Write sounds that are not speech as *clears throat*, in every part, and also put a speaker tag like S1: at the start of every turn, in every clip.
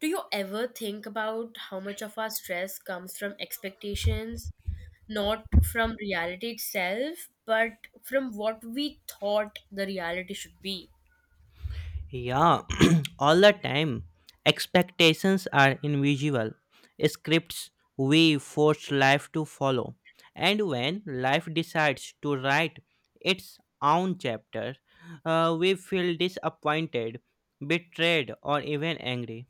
S1: Do you ever think about how much of our stress comes from expectations, not from reality itself, but from what we thought the reality should be?
S2: Yeah, *clears throat* all the time. Expectations are invisible scripts we force life to follow. And when life decides to write its own chapter, we feel disappointed, betrayed, or even angry.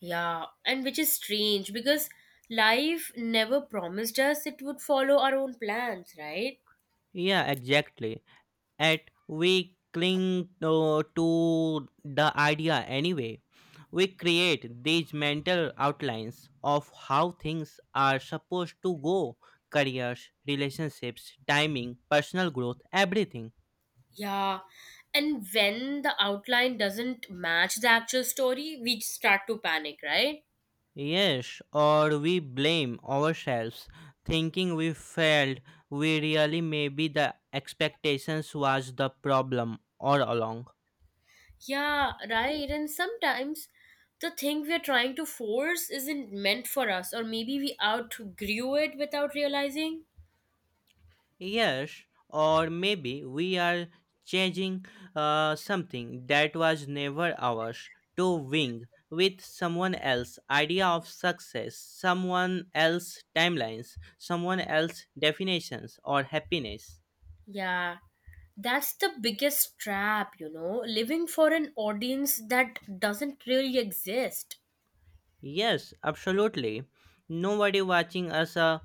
S1: Yeah, and which is strange because life never promised us it would follow our own plans, right?
S2: Yeah, exactly. At we cling to the idea anyway. We create these mental outlines of how things are supposed to go: careers, relationships, timing, personal growth, everything.
S1: Yeah, and when the outline doesn't match the actual story, we start to panic, right?
S2: Yes, or we blame ourselves, thinking we failed. We really maybe the expectations was the problem all along.
S1: Yeah, right. And sometimes the thing we're trying to force isn't meant for us, or maybe we outgrew it without realizing.
S2: Yes, or maybe we are changing something that was never ours, to wing with someone else idea of success, someone else timelines, someone else definitions or happiness.
S1: Yeah, that's the biggest trap, living for an audience that doesn't really exist.
S2: Yes, absolutely. Nobody watching us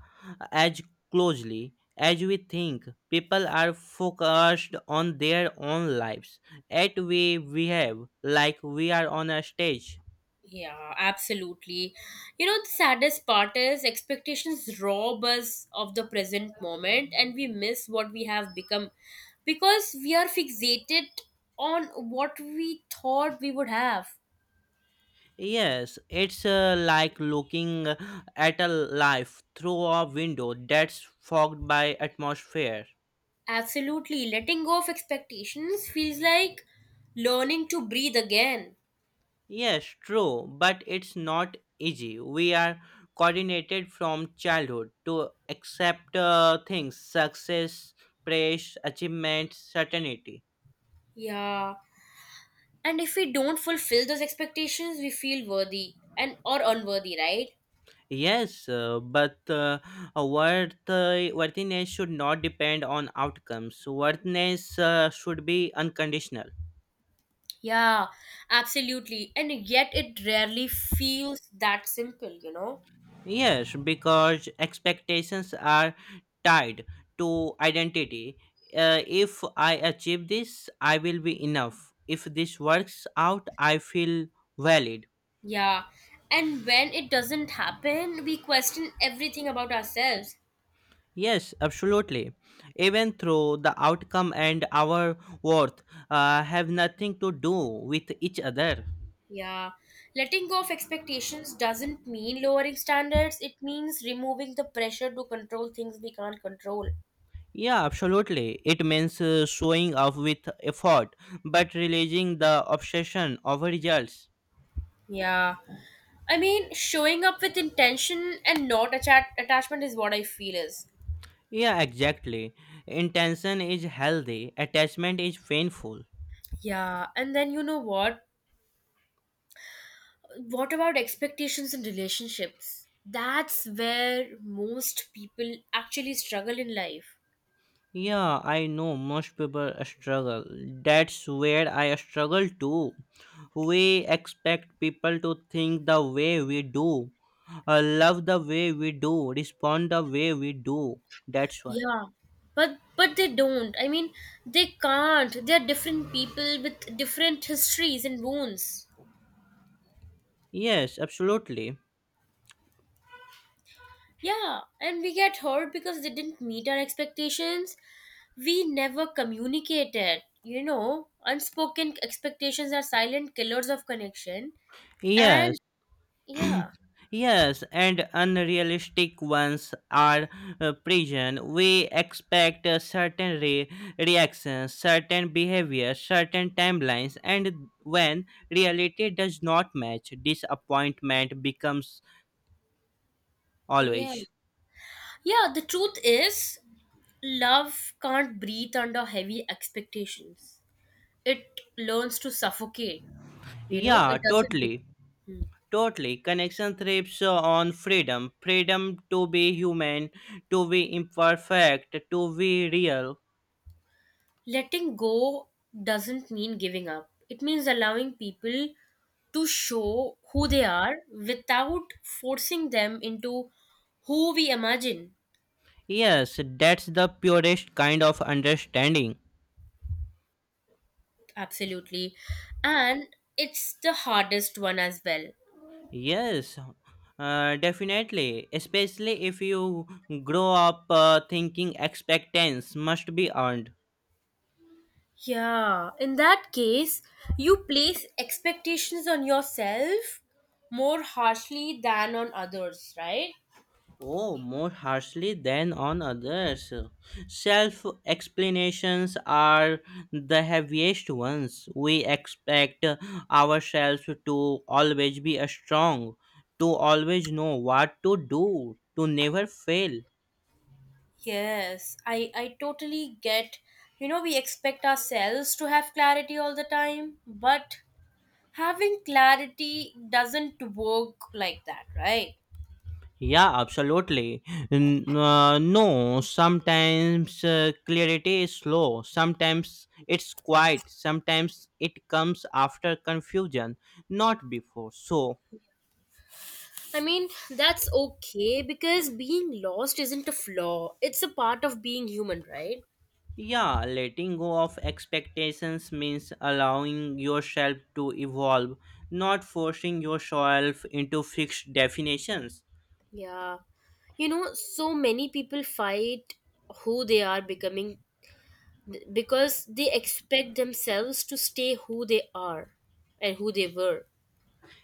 S2: as closely as we think. People are focused on their own lives at we have, like we are on a stage.
S1: Yeah, absolutely. The saddest part is expectations rob us of the present moment and we miss what we have become because we are fixated on what we thought we would have.
S2: Yes, it's like looking at a life through a window that's fogged by atmosphere.
S1: Absolutely. Letting go of expectations feels like learning to breathe again.
S2: Yes, true, but it's not easy. We are coordinated from childhood to accept things: success, praise, achievement, certainty.
S1: Yeah. And if we don't fulfill those expectations, we feel worthy and or unworthy, right?
S2: Yes, but worthiness should not depend on outcomes. Worthiness should be unconditional.
S1: Yeah, absolutely. And yet it rarely feels that simple, you know?
S2: Yes, because expectations are tied to identity. If I achieve this, I will be enough. If this works out, I feel valid.
S1: Yeah. And when it doesn't happen, we question everything about ourselves.
S2: Yes, absolutely. Even though the outcome and our worth have nothing to do with each other.
S1: Yeah, letting go of expectations doesn't mean lowering standards, it means removing the pressure to control things we can't control.
S2: Yeah, absolutely. It means showing up with effort, but releasing the obsession over results.
S1: Yeah, I mean, showing up with intention and not attachment is what I feel is.
S2: Yeah, exactly. Intention is healthy, attachment is painful.
S1: Yeah, and then you know what? What about expectations in relationships? That's where most people actually struggle in life.
S2: Yeah, I know most people struggle. That's where I struggle too. We expect people to think the way we do, love the way we do, respond the way we do. That's why.
S1: Yeah, but they don't. I mean, they can't. They're different people with different histories and wounds.
S2: Yes, absolutely.
S1: Yeah, and we get hurt because they didn't meet our expectations. We never communicated. Unspoken expectations are silent killers of connection.
S2: Yes,
S1: And
S2: *clears throat*
S1: yeah,
S2: yes, and unrealistic ones are present. We expect certain reactions, certain behavior, certain timelines, and when reality does not match, disappointment becomes
S1: yeah.
S2: always.
S1: Yeah, the truth is, love can't breathe under heavy expectations. It learns to suffocate. You know,
S2: Yeah,
S1: it doesn't.
S2: totally.
S1: breathe. Hmm.
S2: Totally. Connection thrives on freedom to be human, to be imperfect, to be real.
S1: Letting go doesn't mean giving up, it means allowing people to show who they are without forcing them into who we imagine.
S2: Yes, that's the purest kind of understanding.
S1: Absolutely. And it's the hardest one as well.
S2: Yes, definitely. Especially if you grow up thinking expectations must be earned.
S1: Yeah, in that case, you place expectations on yourself more harshly than on others, right?
S2: Oh, more harshly than on others. Self explanations are the heaviest ones. We expect ourselves to always be strong, to always know what to do, to never fail.
S1: Yes, I totally get. We expect ourselves to have clarity all the time, but having clarity doesn't work like that, right?
S2: Yeah, absolutely. No, sometimes clarity is slow, sometimes it's quiet, sometimes it comes after confusion, not before. So,
S1: I mean, that's okay because being lost isn't a flaw, it's a part of being human, right?
S2: yeah, letting go of expectations means allowing yourself to evolve, not forcing yourself into fixed definitions.
S1: Yeah. So many people fight who they are becoming because they expect themselves to stay who they are and who they were.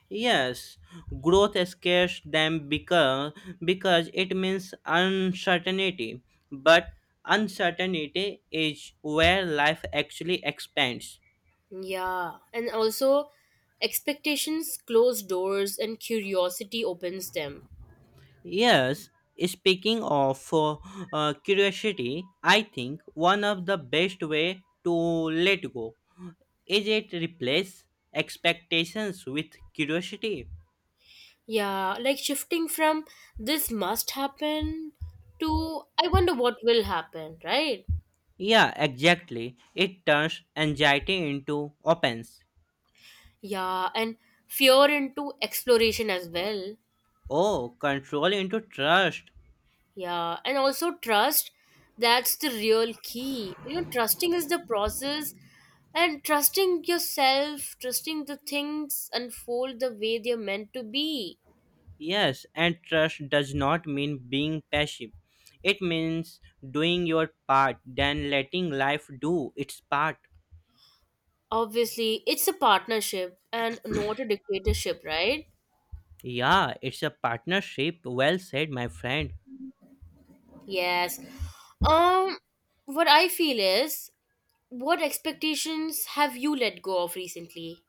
S2: Yes, growth scares them because it means uncertainty. But uncertainty is where life actually expands.
S1: Yeah, and also expectations close doors and curiosity opens them.
S2: Yes, speaking of curiosity, I think one of the best way to let go is it replace expectations with curiosity.
S1: Yeah, like shifting from this must happen to I wonder what will happen, right?
S2: Yeah, exactly. It turns anxiety into opens.
S1: Yeah, and fear into exploration as well.
S2: Oh, control into trust.
S1: Yeah, and also trust, that's the real key. Trusting is the process and trusting yourself, trusting the things unfold the way they're meant to be.
S2: Yes, and trust does not mean being passive. It means doing your part, then letting life do its part.
S1: Obviously, it's a partnership and not a dictatorship, right?
S2: Yeah, it's a partnership. Well said, my friend.
S1: Yes. Um, what I feel is, what expectations have you let go of recently?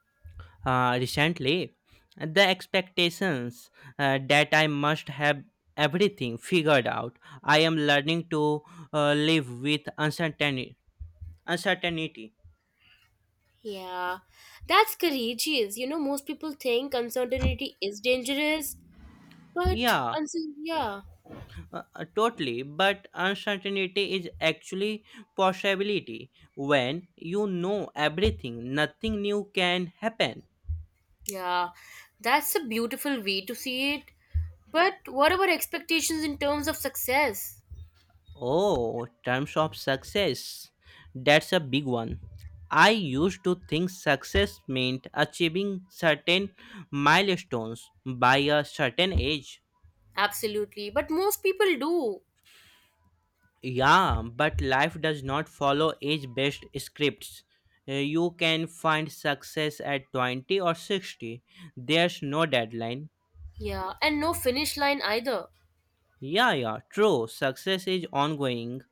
S2: Recently, the expectations that I must have everything figured out. I am learning to live with uncertainty. Uncertainty.
S1: Yeah, that's courageous. Most people think uncertainty is dangerous, but
S2: Yeah,
S1: uncertainty, yeah,
S2: Totally, but uncertainty is actually possibility. When you know everything, nothing new can happen.
S1: yeah, that's a beautiful way to see it. But what about expectations in terms of success?
S2: Oh, terms of success. That's a big one. I used to think success meant achieving certain milestones by a certain age.
S1: Absolutely, but most people do.
S2: Yeah, but life does not follow age based scripts. You can find success at 20 or 60. There's no deadline.
S1: Yeah, and no finish line either.
S2: Yeah, yeah, true. Success is ongoing.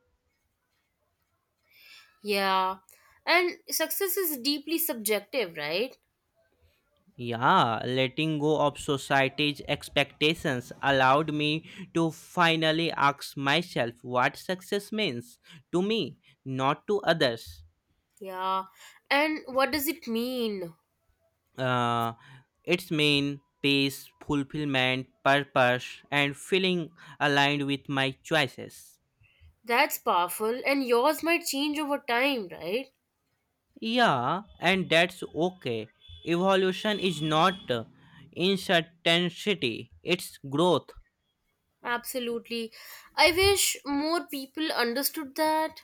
S1: Yeah. And success is deeply subjective, right?
S2: Yeah, letting go of society's expectations allowed me to finally ask myself what success means to me, not to others.
S1: Yeah. And what does it mean?
S2: uh, its main pace, fulfillment, purpose, and feeling aligned with my choices.
S1: That's powerful. And yours might change over time, right?
S2: Yeah, and that's okay. Evolution is not uncertainty, it's growth.
S1: Absolutely. I wish more people understood that.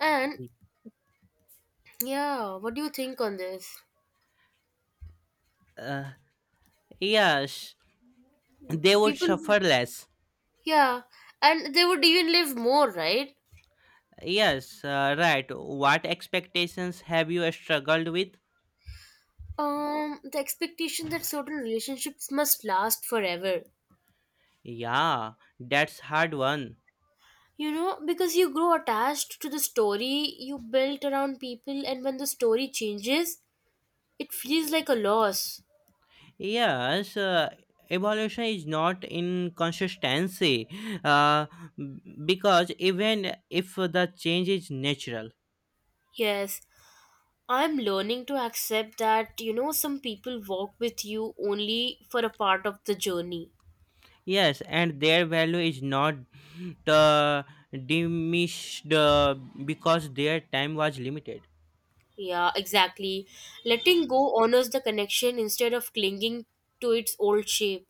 S1: And yeah, what do you think on this?
S2: Yes, they would
S1: People,
S2: suffer less.
S1: yeah. And they would even live more, right?
S2: Yes, right. What expectations have you struggled with?
S1: The expectation that certain relationships must last forever.
S2: Yeah, that's hard one.
S1: Because you grow attached to the story you built around people, and when the story changes, it feels like a loss.
S2: Yes, evolution is not in consistency uh, because even if the change is natural,
S1: Yes, I'm learning to accept that, some people walk with you only for a part of the journey.
S2: yes, and their value is not uh, diminished because their time was limited.
S1: Yeah, exactly. Letting go honors the connection instead of clinging to its old shape.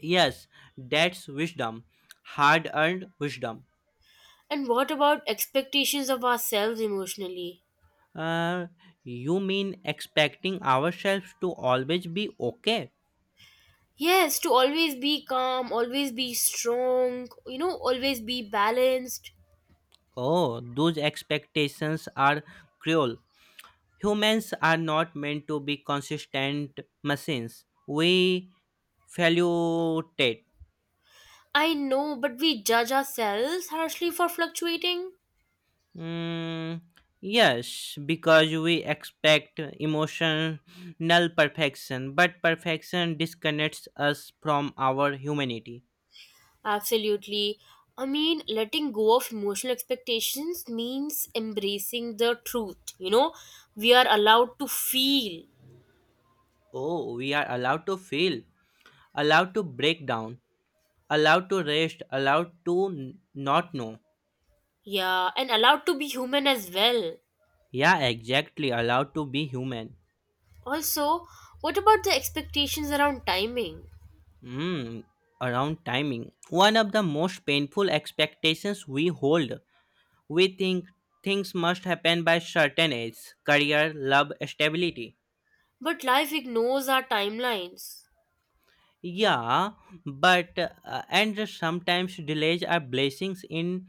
S2: Yes, that's wisdom, hard earned wisdom.
S1: And what about expectations of ourselves emotionally?
S2: Uh, you mean expecting ourselves to always be okay?
S1: Yes, to always be calm, always be strong, always be balanced.
S2: Oh, those expectations are cruel. Humans are not meant to be consistent machines. We fluctuate.
S1: I know, but we judge ourselves harshly for fluctuating.
S2: Mm, yes, because we expect emotional perfection, but perfection disconnects us from our humanity.
S1: Absolutely. I mean, letting go of emotional expectations means embracing the truth. We are allowed to feel,
S2: Oh, we are allowed to feel, allowed to break down, allowed to rest, allowed to not know.
S1: yeah, and allowed to be human as well.
S2: Yeah, exactly, allowed to be human.
S1: Also, what about the expectations around timing?
S2: Mm, Around timing. One of the most painful expectations we hold. We think things must happen by certain age, career, love, stability.
S1: But life ignores our timelines.
S2: Yeah, but and sometimes delays are blessings in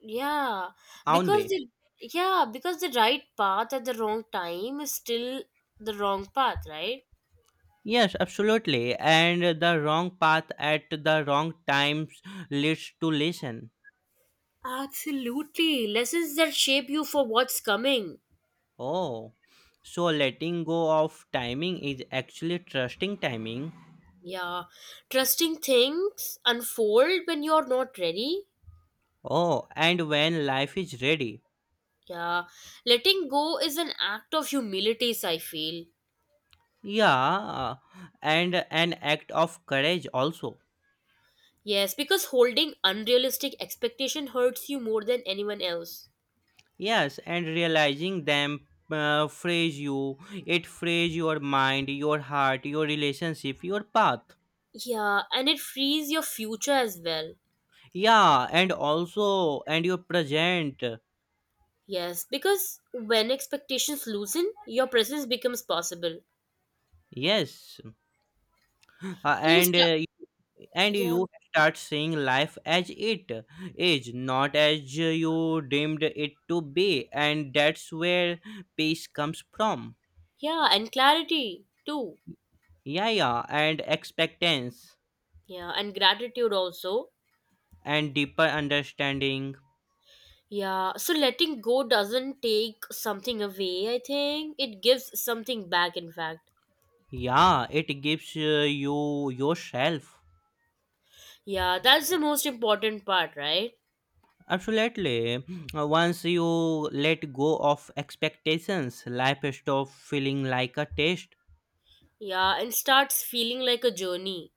S1: Yeah,
S2: own
S1: because
S2: way.
S1: the yeah, because the right path at the wrong time is still the wrong path, right?
S2: Yes, absolutely. And the wrong path at the wrong times leads to listen.
S1: Absolutely. Lessons that shape you for what's coming.
S2: Oh, so letting go of timing is actually trusting timing.
S1: Yeah. Trusting things unfold when you're not ready.
S2: Oh, and when life is ready.
S1: Yeah. Letting go is an act of humility, I feel.
S2: Yeah, and an act of courage also.
S1: Yes, because holding unrealistic expectation hurts you more than anyone else.
S2: Yes, and realizing them frees you. It frees your mind, your heart, your relationship, your path.
S1: Yeah, and it frees your future as well.
S2: Yeah, and also and your present.
S1: Yes, because when expectations loosen, your presence becomes possible.
S2: Yes, uh,
S1: And you
S2: and
S1: start.
S2: uh, and
S1: Yeah.
S2: you start seeing life as it is, not as you deemed it to be, and that's where peace comes from.
S1: Yeah, and clarity too.
S2: Yeah, yeah, and expectance
S1: Yeah, and gratitude also.
S2: and deeper understanding.
S1: Yeah, so letting go doesn't take something away, I think. It gives something back, in fact.
S2: Yeah, it gives you yourself.
S1: Yeah, that's the most important part, right?
S2: Absolutely. Once you let go of expectations, life stops feeling like a test.
S1: Yeah, and starts feeling like a journey.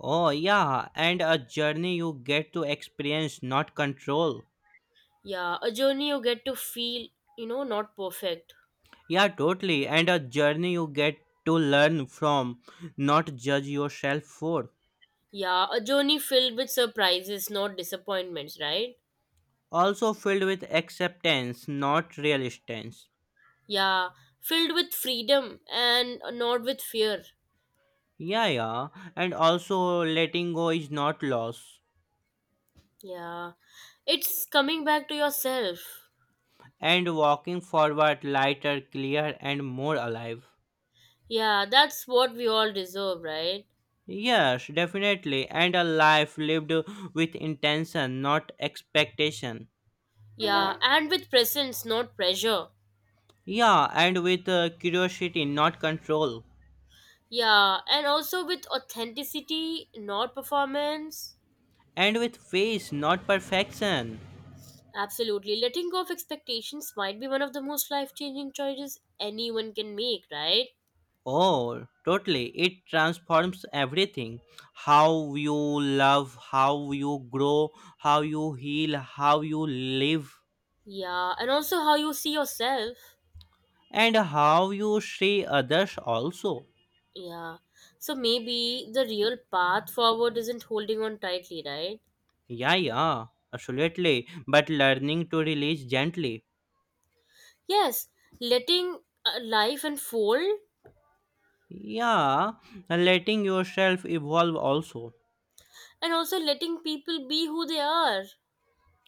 S2: Oh, yeah, and a journey you get to experience, not control.
S1: Yeah, a journey you get to feel, not perfect.
S2: Yeah, totally. And a journey you get to learn from, not judge yourself for.
S1: Yeah, a journey filled with surprises, not disappointments, right?
S2: Also filled with acceptance, not resistance.
S1: Yeah, filled with freedom and not with fear.
S2: Yeah, yeah. And also, letting go is not loss,
S1: Yeah, it's coming back to yourself.
S2: and walking forward lighter, clear, and more alive.
S1: Yeah, that's what we all deserve, right?
S2: Yes, definitely. And a life lived with intention, not expectation.
S1: Yeah, yeah, and with presence, not pressure.
S2: Yeah, and with curiosity, not control.
S1: Yeah, and also with authenticity, not performance.
S2: And with faith, not perfection.
S1: Absolutely. Letting go of expectations might be one of the most life changing choices anyone can make, right?
S2: Oh, totally. It transforms everything. How you love, how you grow, how you heal, how you live.
S1: Yeah, and also how you see yourself.
S2: And how you see others also.
S1: Yeah. So maybe the real path forward isn't holding on tightly, right?
S2: Yeah, yeah, absolutely. But learning to release gently.
S1: Yes, letting life unfold
S2: Yeah, letting yourself evolve also.
S1: and also letting people be who they are.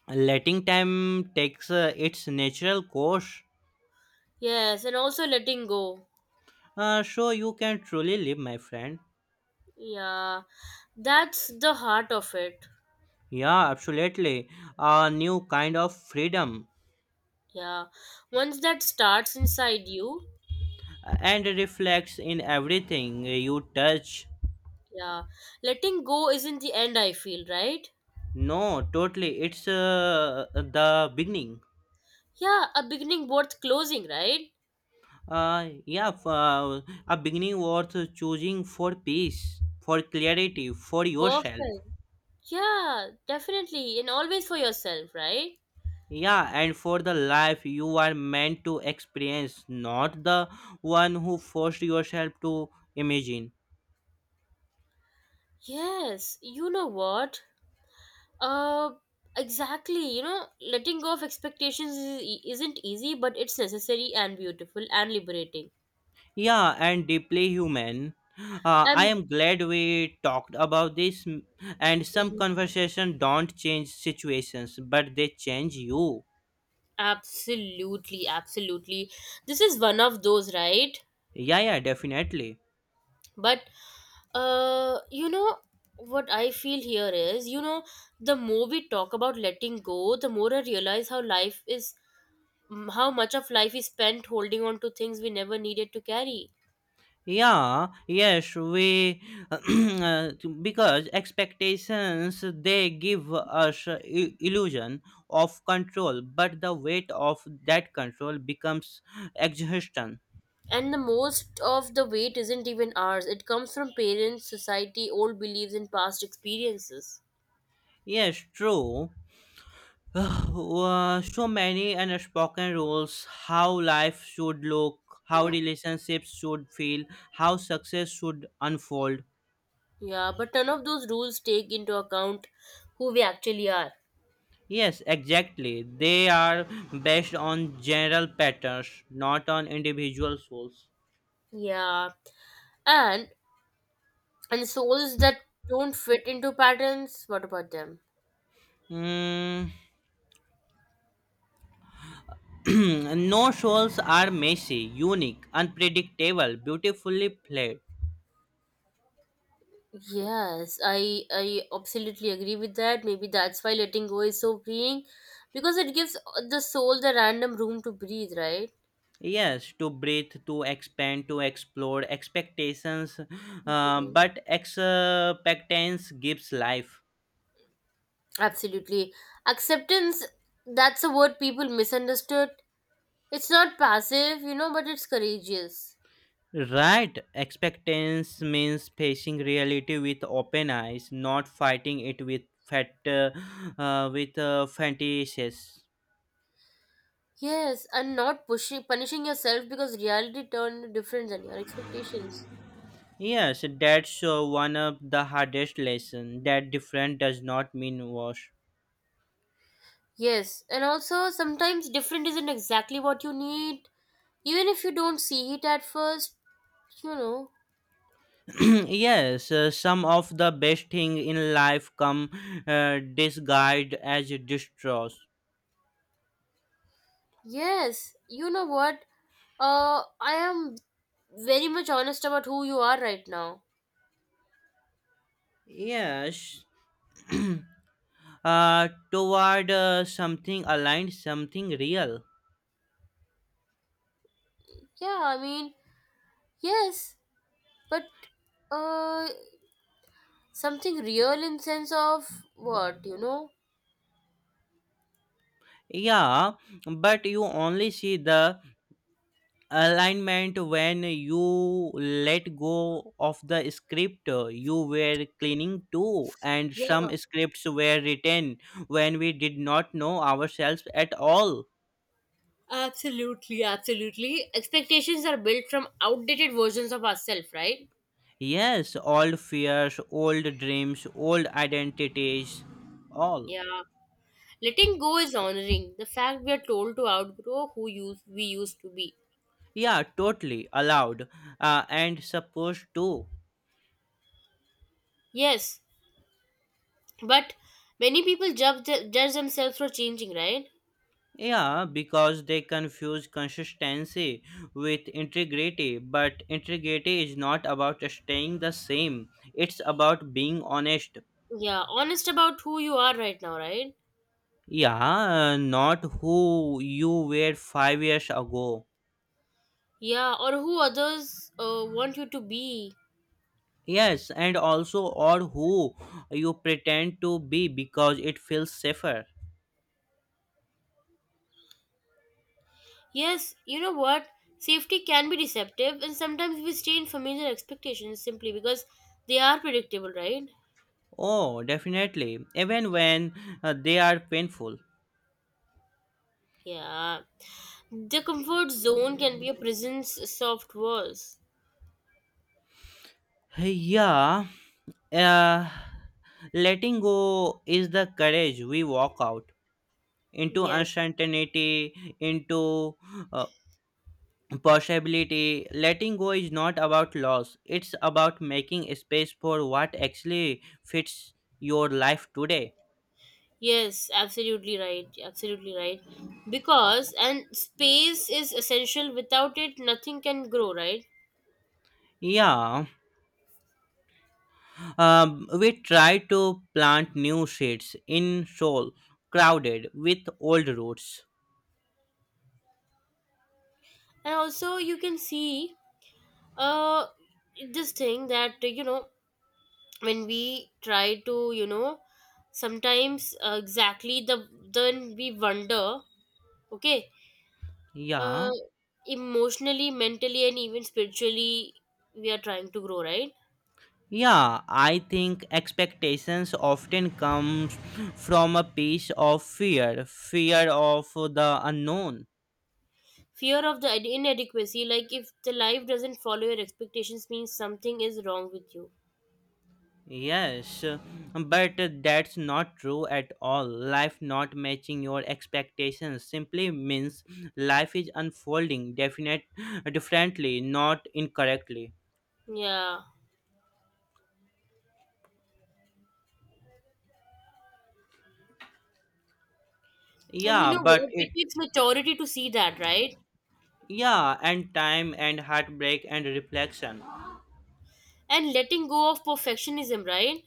S2: Letting time takes its natural course.
S1: Yes, and also letting go.
S2: So you can truly live, my friend.
S1: Yeah, that's the heart of it.
S2: Yeah, absolutely. A new kind of freedom
S1: Yeah. Once that starts inside you,
S2: and reflects in everything you touch.
S1: yeah, letting go isn't the end, I feel, right?
S2: No, totally. It's the beginning.
S1: Yeah, a beginning worth closing, right?
S2: Yeah, a beginning worth choosing for peace, for clarity, for yourself.
S1: Perfect. Yeah, definitely. And always for yourself, right?
S2: Yeah, and for the life you are meant to experience, not the one who forced yourself to imagine.
S1: Yes, you know what? Uh, exactly. Letting go of expectations is, isn't easy, but it's necessary and beautiful and liberating.
S2: Yeah, and deeply human. I
S1: And
S2: am glad we talked about this, and some conversation don't change situations, but they change you.
S1: absolutely, absolutely. This is one of those, right?
S2: Yeah, yeah, definitely.
S1: But you know what I feel here is, the more we talk about letting go, the more I realize how much of life is spent holding on to things we never needed to carry.
S2: Yeah, yes, we *clears throat* uh, because expectations they give us a illusion of control, but the weight of that control becomes exhaustion.
S1: And the most of the weight isn't even ours, it comes from parents, society, old beliefs, and past experiences.
S2: Yes, true. *sighs* So many unspoken rules how life should look, how relationships should feel, how success should unfold.
S1: Yeah, but none of those rules take into account who we actually are.
S2: Yes, exactly. They are based on general patterns, not on individual souls.
S1: Yeah, and souls that don't fit into patterns, what about them?
S2: Mm, *clears throat* no souls are messy, unique, unpredictable, beautifully played.
S1: Yes, I absolutely agree with that. Maybe that's why letting go is so freeing, because it gives the soul the random room to breathe, right?
S2: Yes, to breathe, to expand, to explore, expectations,
S1: Hmm.
S2: but expectance gives life.
S1: Absolutely. Acceptance, that's a word people misunderstood. It's not passive, but it's courageous.
S2: Right, expectance means facing reality with open eyes, not fighting it with fat, uh, fantasies.
S1: Yes, and not pushing, punishing yourself because reality turned different than your expectations.
S2: Yes, that's one of the hardest lesson. That different does not mean worse.
S1: Yes, and also sometimes different isn't exactly what you need, even if you don't see it at first, you know.
S2: *clears throat* yes, some of the best thing in life come disguised as distrust.
S1: Yes, you know what? I am very much honest about who you are right now.
S2: Yes, *clears throat* toward something aligned, something real.
S1: Yeah, I mean, yes, but uh, something real in sense of what, you know?
S2: Yeah, but you only see the alignment when you let go of the script you were cleaning to, and
S1: Yeah,
S2: some scripts were written when we did not know ourselves at all.
S1: absolutely, absolutely. Expectations are built from outdated versions of ourselves, right?
S2: Yes, old fears, old dreams, old identities, all.
S1: Yeah. Letting go is honoring the fact we are told to outgrow who use we used to be.
S2: Yeah, totally allowed and supposed to.
S1: Yes, but many people judge themselves for changing, right?
S2: Yeah, because they confuse consistency with integrity, but integrity is not about staying the same, it's about being honest.
S1: Yeah, honest about who you are right now, right?
S2: Yeah, not who you were 5 years ago.
S1: Yeah, or who others want you to be.
S2: Yes, and also or who you pretend to be because it feels safer.
S1: Yes, you know what? Safety can be deceptive, and sometimes we stay in familiar expectations simply because they are predictable, right?
S2: Oh, definitely, even when they are painful.
S1: Yeah. The comfort zone can be a prison's soft walls.
S2: Yeah, uh, letting go is the courage we walk out into
S1: Yes.
S2: uncertainty, into uh, possibility. Letting go is not about loss, it's about making space for what actually fits your life today.
S1: Yes, absolutely right. Absolutely right. Because, and space is essential. Without it, nothing can grow, right?
S2: Yeah, we try to plant new seeds in soil crowded with old roots.
S1: And also, you can see uh, this thing that, when we try to sometimes exactly then we wonder, okay, uh,
S2: Yeah.
S1: emotionally, mentally, and even spiritually, we are trying to grow, right?
S2: Yeah, I think expectations often comes from a piece of fear, fear of the unknown.
S1: Fear of the inadequacy, like if the life doesn't follow your expectations means something is wrong with you.
S2: Yes, but that's not true at all. Life not matching your expectations simply means life is unfolding definite differently, not incorrectly.
S1: Yeah, and you
S2: Yeah,
S1: know
S2: but
S1: what,
S2: it,
S1: it takes maturity to see that, right?
S2: yeah, and time and heartbreak and reflection.
S1: And letting go of perfectionism, right?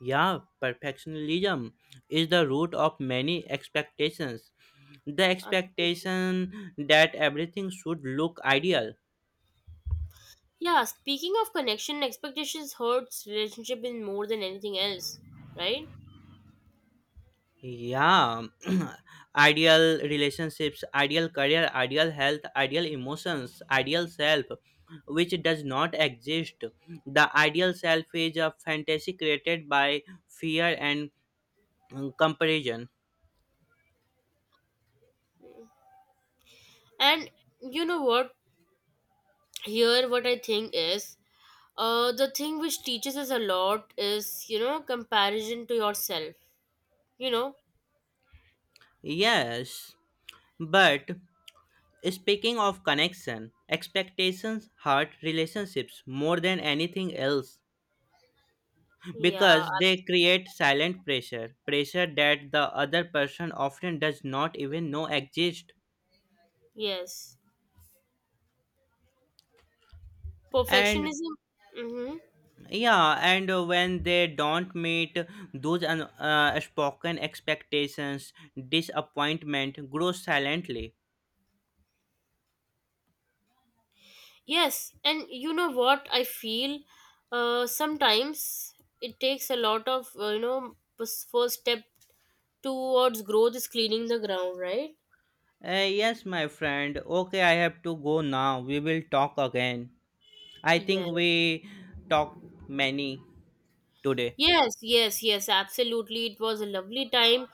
S2: Yeah, perfectionism is the root of many expectations. The
S1: Absolutely.
S2: expectation that everything should look ideal.
S1: Yeah, speaking of connection, expectations hurts relationship in more than anything else, right?
S2: Yeah, *clears throat* ideal relationships, ideal career, ideal health, ideal emotions, ideal self, which does not exist. The ideal self is a fantasy created by fear and comparison.
S1: And you know what? Here, what I think is, the thing which teaches us a lot is, comparison to yourself. You know,
S2: Yes, but speaking of connection, expectations hurt relationships more than anything else
S1: yeah,
S2: because they create silent pressure, pressure that the other person often does not even know exists.
S1: yes,
S2: And
S1: perfectionism. Mm-hmm.
S2: yeah, and when they don't meet those spoken expectations, disappointment grows silently.
S1: Yes, and you know what? I feel, sometimes it takes a lot of, first step towards growth is cleaning the ground, right?
S2: Yes, my friend. Okay, I have to go now. We will talk again. I think
S1: Yeah.
S2: we talked many today.
S1: Yes, yes, yes, absolutely. It was a lovely time,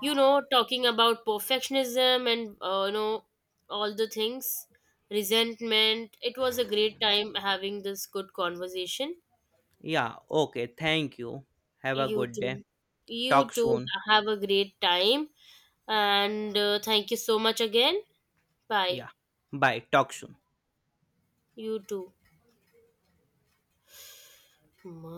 S1: you know, talking about perfectionism and, all the things, resentment. It was a great time having this good conversation.
S2: Yeah, okay. Thank you. Have a
S1: You
S2: good day.
S1: too. You
S2: Talk
S1: too,
S2: soon.
S1: have a great time. And thank you so much again. Bye.
S2: Yeah. Bye. Talk soon.
S1: You too. Ma-